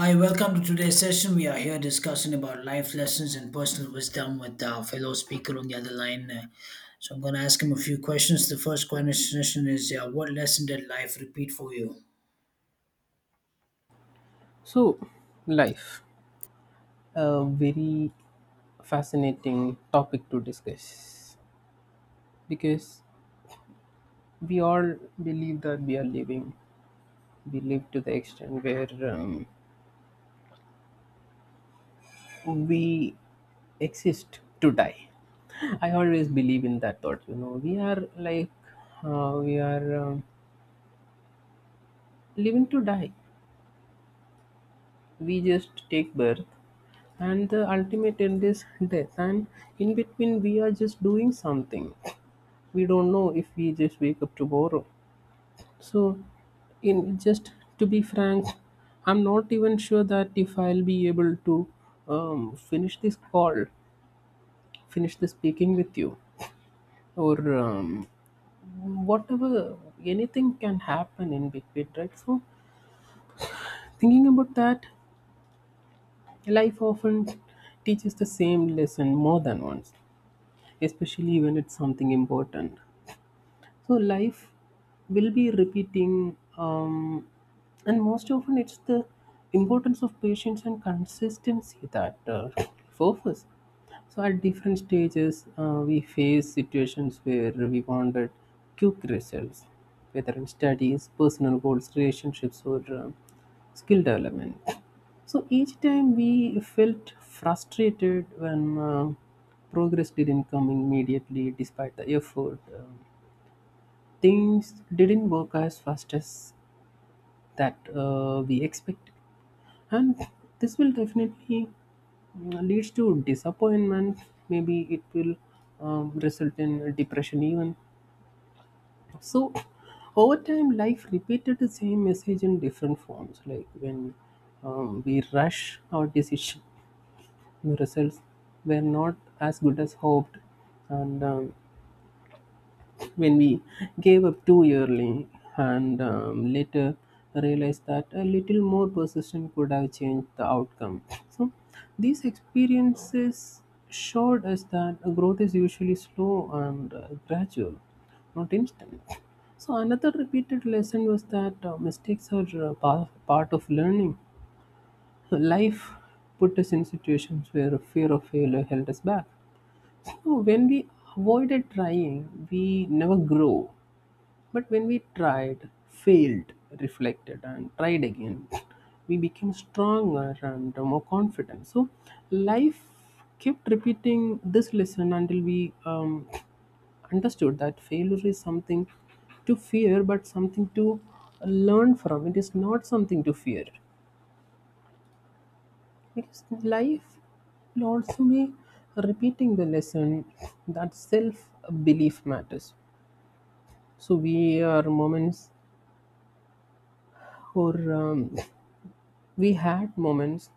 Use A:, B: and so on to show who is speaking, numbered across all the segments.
A: Hi, welcome to today's session. We are here discussing about life lessons and personal wisdom with our fellow speaker on the other line. So I'm going to ask him a few questions. The first question is, what lesson did life repeat for you?
B: So, life, a very fascinating topic to discuss because we all believe that we are living. We live to the extent where we exist to die. I always believe in that thought. You know, we are like we are living to die. We just take birth, and the ultimate end is death. And in between, we are just doing something. We don't know if we just wake up tomorrow. So, in just to be frank, I'm not even sure that if I'll be able to finish this call, finish the speaking with you, or whatever, anything can happen in between, right? So, thinking about that, life often teaches the same lesson more than once, especially when it's something important. So life will be repeating, and most often it's the importance of patience and consistency, that focus. So at different stages, we face situations where we wanted quick results, whether in studies, personal goals, relationships, or skill development. So each time we felt frustrated when progress didn't come immediately despite the effort. Things didn't work as fast as that we expected, and this will definitely leads to disappointment. Maybe it will result in depression even. So over time life repeated the same message in different forms, like when we rush our decision the results were not as good as hoped, and when we gave up too early and later realized that a little more persistence could have changed the outcome. So, these experiences showed us that growth is usually slow and gradual, not instant. So, another repeated lesson was that mistakes are part of learning. Life put us in situations where fear of failure held us back. So, when we avoided trying, we never grow, but when we tried, failed, reflected, and tried again, we became stronger and more confident. So life kept repeating this lesson until we understood that failure is something to fear, but something to learn from. It is not something to fear. Because life will also be repeating the lesson that self belief matters. So we are moments or we had moments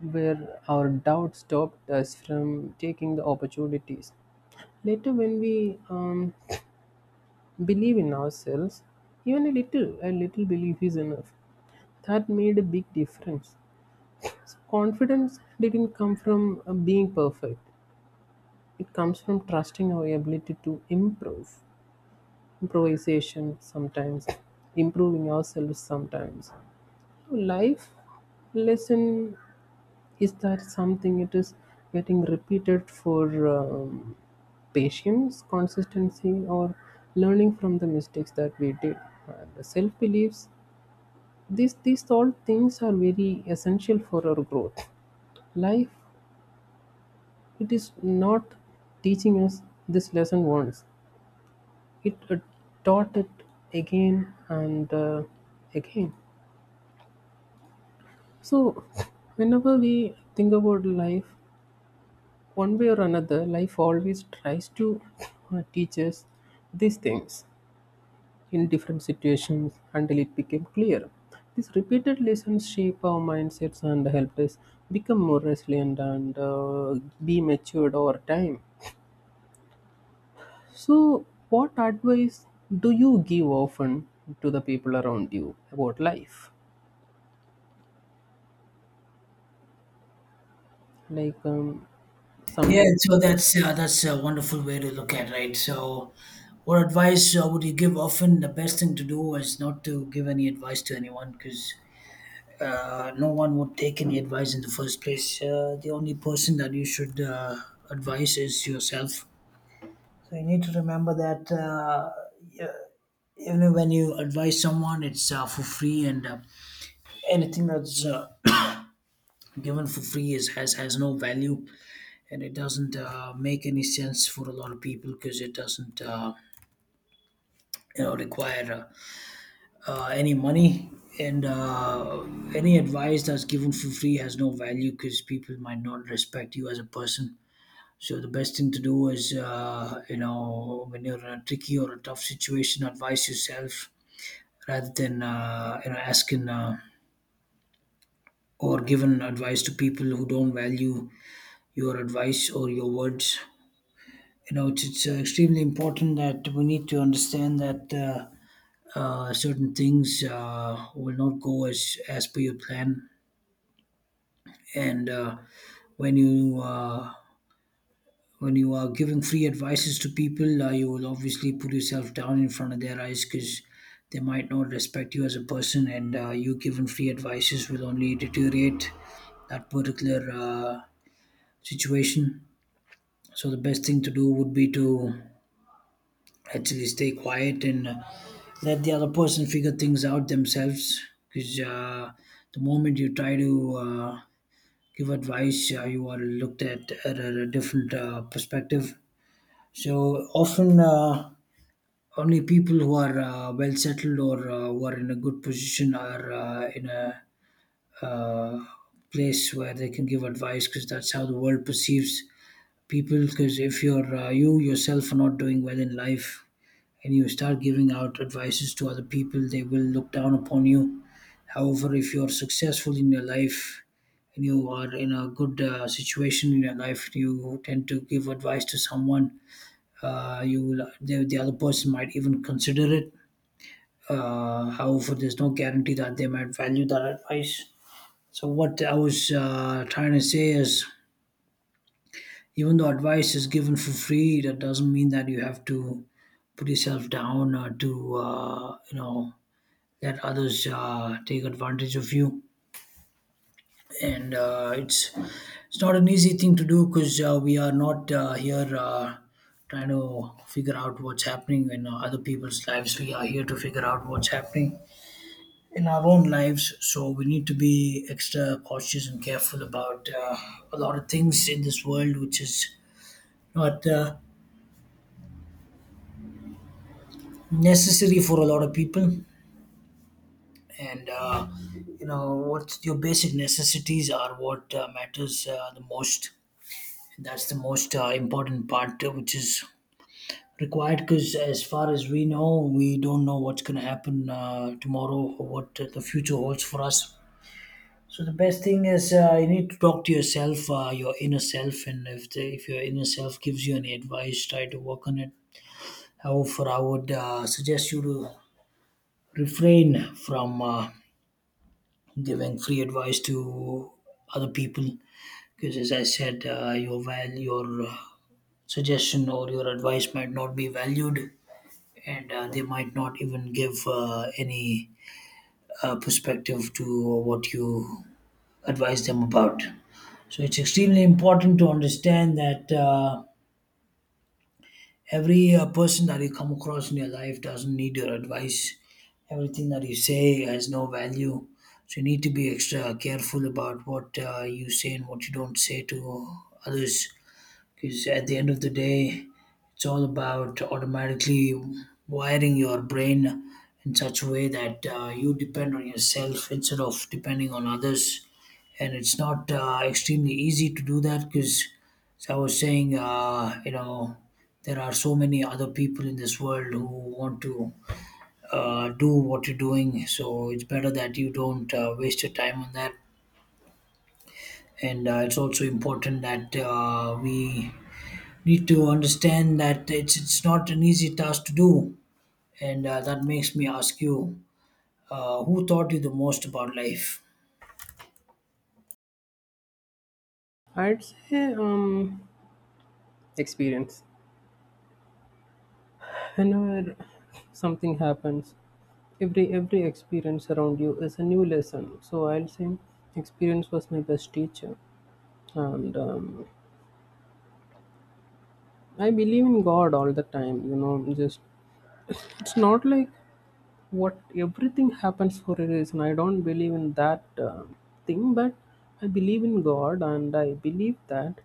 B: where our doubt stopped us from taking the opportunities. Later, when we believe in ourselves, even a little belief is enough. That made a big difference. So confidence didn't come from being perfect. It comes from trusting our ability to improve. Improvisation sometimes, improving ourselves sometimes. Life lesson is that something it is getting repeated for patience, consistency, or learning from the mistakes that we did? And the self beliefs, these all things are very essential for our growth. Life, it is not teaching us this lesson once, it taught it again and again. So, whenever we think about life, one way or another life always tries to teach us these things in different situations until it became clear these repeated lessons shape our mindsets and helped us become more resilient and be matured over time. So what advice do you give often to the people around you about life, like
A: Yeah,
B: sometimes?
A: so that's a wonderful way to look at, right? So, what advice would you give? Often, the best thing to do is not to give any advice to anyone because no one would take any advice in the first place. The only person that you should advise is yourself. So you need to remember that even when you advise someone, it's for free, and anything that's given for free is has no value, and it doesn't make any sense for a lot of people because it doesn't require any money. And any advice that's given for free has no value because people might not respect you as a person. So the best thing to do is, you know, when you're in a tricky or a tough situation, advise yourself rather than you know asking or giving advice to people who don't value your advice or your words. You know, it's extremely important that we need to understand that certain things will not go as per your plan, and when you uh, when you are giving free advices to people, you will obviously put yourself down in front of their eyes because they might not respect you as a person, and you giving free advices will only deteriorate that particular situation. So the best thing to do would be to actually stay quiet and let the other person figure things out themselves. Because the moment you try to give advice, you are looked at a different perspective. So often, only people who are well settled or who are in a good position are in a uh, place where they can give advice because that's how the world perceives people. Because if you're you yourself are not doing well in life and you start giving out advices to other people, they will look down upon you. However, if you're successful in your life and you are in a good situation in your life, you tend to give advice to someone you will, the other person might even consider it. However, there's no guarantee that they might value that advice. So, what I was trying to say is even though advice is given for free, that doesn't mean that you have to put yourself down or to, you know, let others take advantage of you. And it's not an easy thing to do because we are not here trying to figure out what's happening in other people's lives. We are here to figure out what's happening in our own lives. So we need to be extra cautious and careful about a lot of things in this world, which is not necessary for a lot of people. And you know what your basic necessities are what matters the most. That's the most important part, which is required because as far as we know, we don't know what's going to happen tomorrow or what the future holds for us. So the best thing is you need to talk to yourself, your inner self, and if if your inner self gives you any advice, try to work on it. However, I would suggest you to refrain from giving free advice to other people, because as I said, your suggestion or your advice might not be valued, and they might not even give any perspective to what you advise them about. So it's extremely important to understand that every person that you come across in your life doesn't need your advice. Everything that you say has no value. So you need to be extra careful about what you say and what you don't say to others, because at the end of the day, it's all about automatically wiring your brain in such a way that you depend on yourself instead of depending on others. And it's not extremely easy to do that because, as I was saying, you know, there are so many other people in this world who want to do what you're doing. So it's better that you don't waste your time on that. And it's also important that we need to understand that it's not an easy task to do, and that makes me ask you, who taught you the most about life?
B: I'd say experience. Whenever something happens, every experience around you is a new lesson. So I'll say experience was my best teacher, and I believe in God all the time. You know, just it's not like what everything happens for a reason. I don't believe in that thing, but I believe in God, and I believe that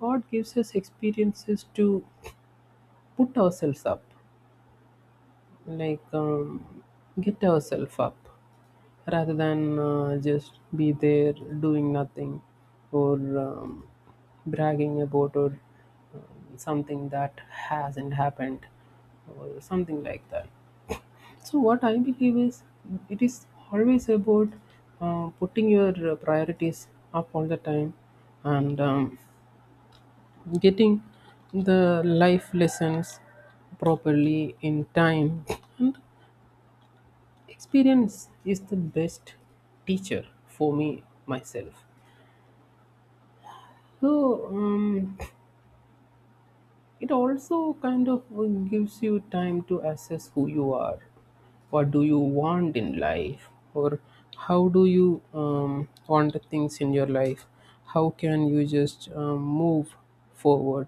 B: God gives us experiences to put ourselves up, like get ourselves up rather than just be there doing nothing or bragging about or something that hasn't happened or something like that. So what I believe is it is always about putting your priorities up all the time and getting the life lessons properly in time. And experience is the best teacher for me myself. So it also kind of gives you time to assess who you are, what do you want in life, or how do you want the things in your life. How can you just move forward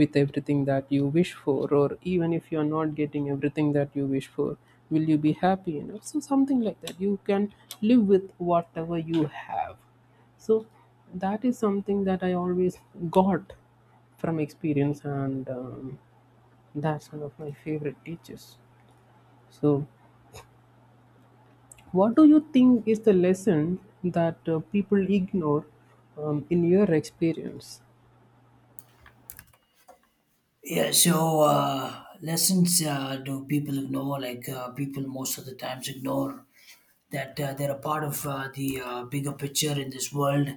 B: with everything that you wish for, or even if you are not getting everything that you wish for, will you be happy enough? So something like that, you can live with whatever you have. So that is something that I always got from experience, and that's one of my favorite teachers. So what do you think is the lesson that people ignore, in your experience?
A: Yeah, so lessons do people ignore? Like people most of the times ignore that they're a part of the bigger picture in this world,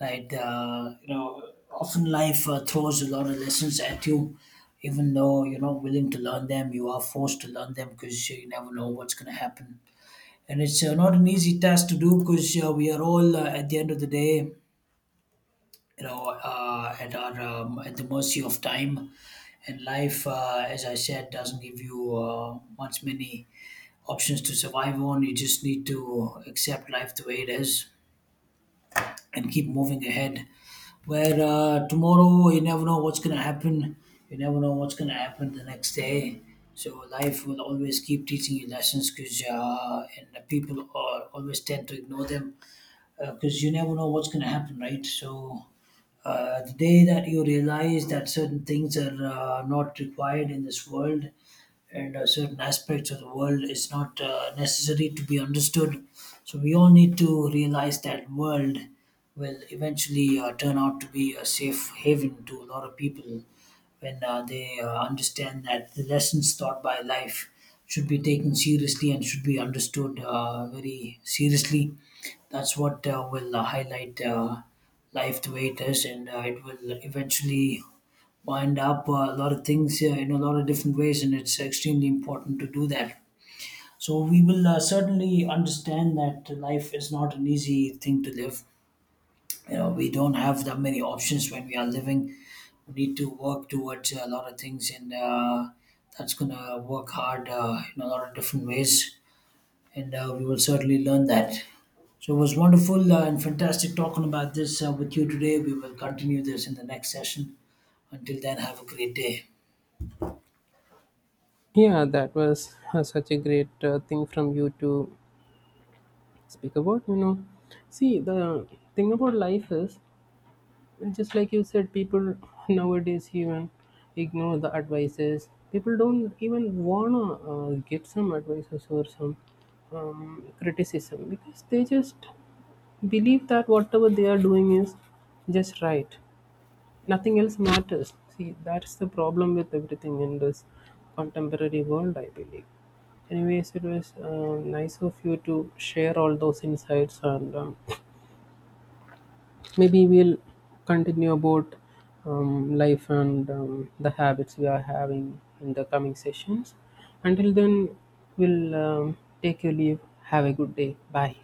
A: right? You know, often life throws a lot of lessons at you, even though you're not willing to learn them, you are forced to learn them because you never know what's going to happen. And it's not an easy task to do because we are all at the end of the day, at our at the mercy of time. And life, as I said, doesn't give you much many options to survive on. You just need to accept life the way it is and keep moving ahead, where tomorrow you never know what's going to happen. You never know what's going to happen the next day. So life will always keep teaching you lessons, because and people are, always tend to ignore them, because you never know what's going to happen, right? So, the day that you realize that certain things are not required in this world, and certain aspects of the world is not necessary to be understood, so we all need to realize that world will eventually turn out to be a safe haven to a lot of people when they understand that the lessons taught by life should be taken seriously and should be understood very seriously. That's what will highlight life the way it is, and it will eventually wind up a lot of things in a lot of different ways, and it's extremely important to do that. So, we will certainly understand that life is not an easy thing to live. You know, we don't have that many options when we are living. We need to work towards a lot of things, and that's gonna work hard in a lot of different ways, and we will certainly learn that. So it was wonderful and fantastic talking about this with you today. We will continue this in the next session. Until then, have a great day.
B: Yeah, that was such a great thing from you to speak about, you know. See, the thing about life is, just like you said, people nowadays even ignore the advices. People don't even wanna get some advices or some criticism, because they just believe that whatever they are doing is just right, nothing else matters. See, that's the problem with everything in this contemporary world, I believe. Anyways, it was nice of you to share all those insights, and maybe we'll continue about life and the habits we are having in the coming sessions. Until then, we'll take your leave. Have a good day. Bye.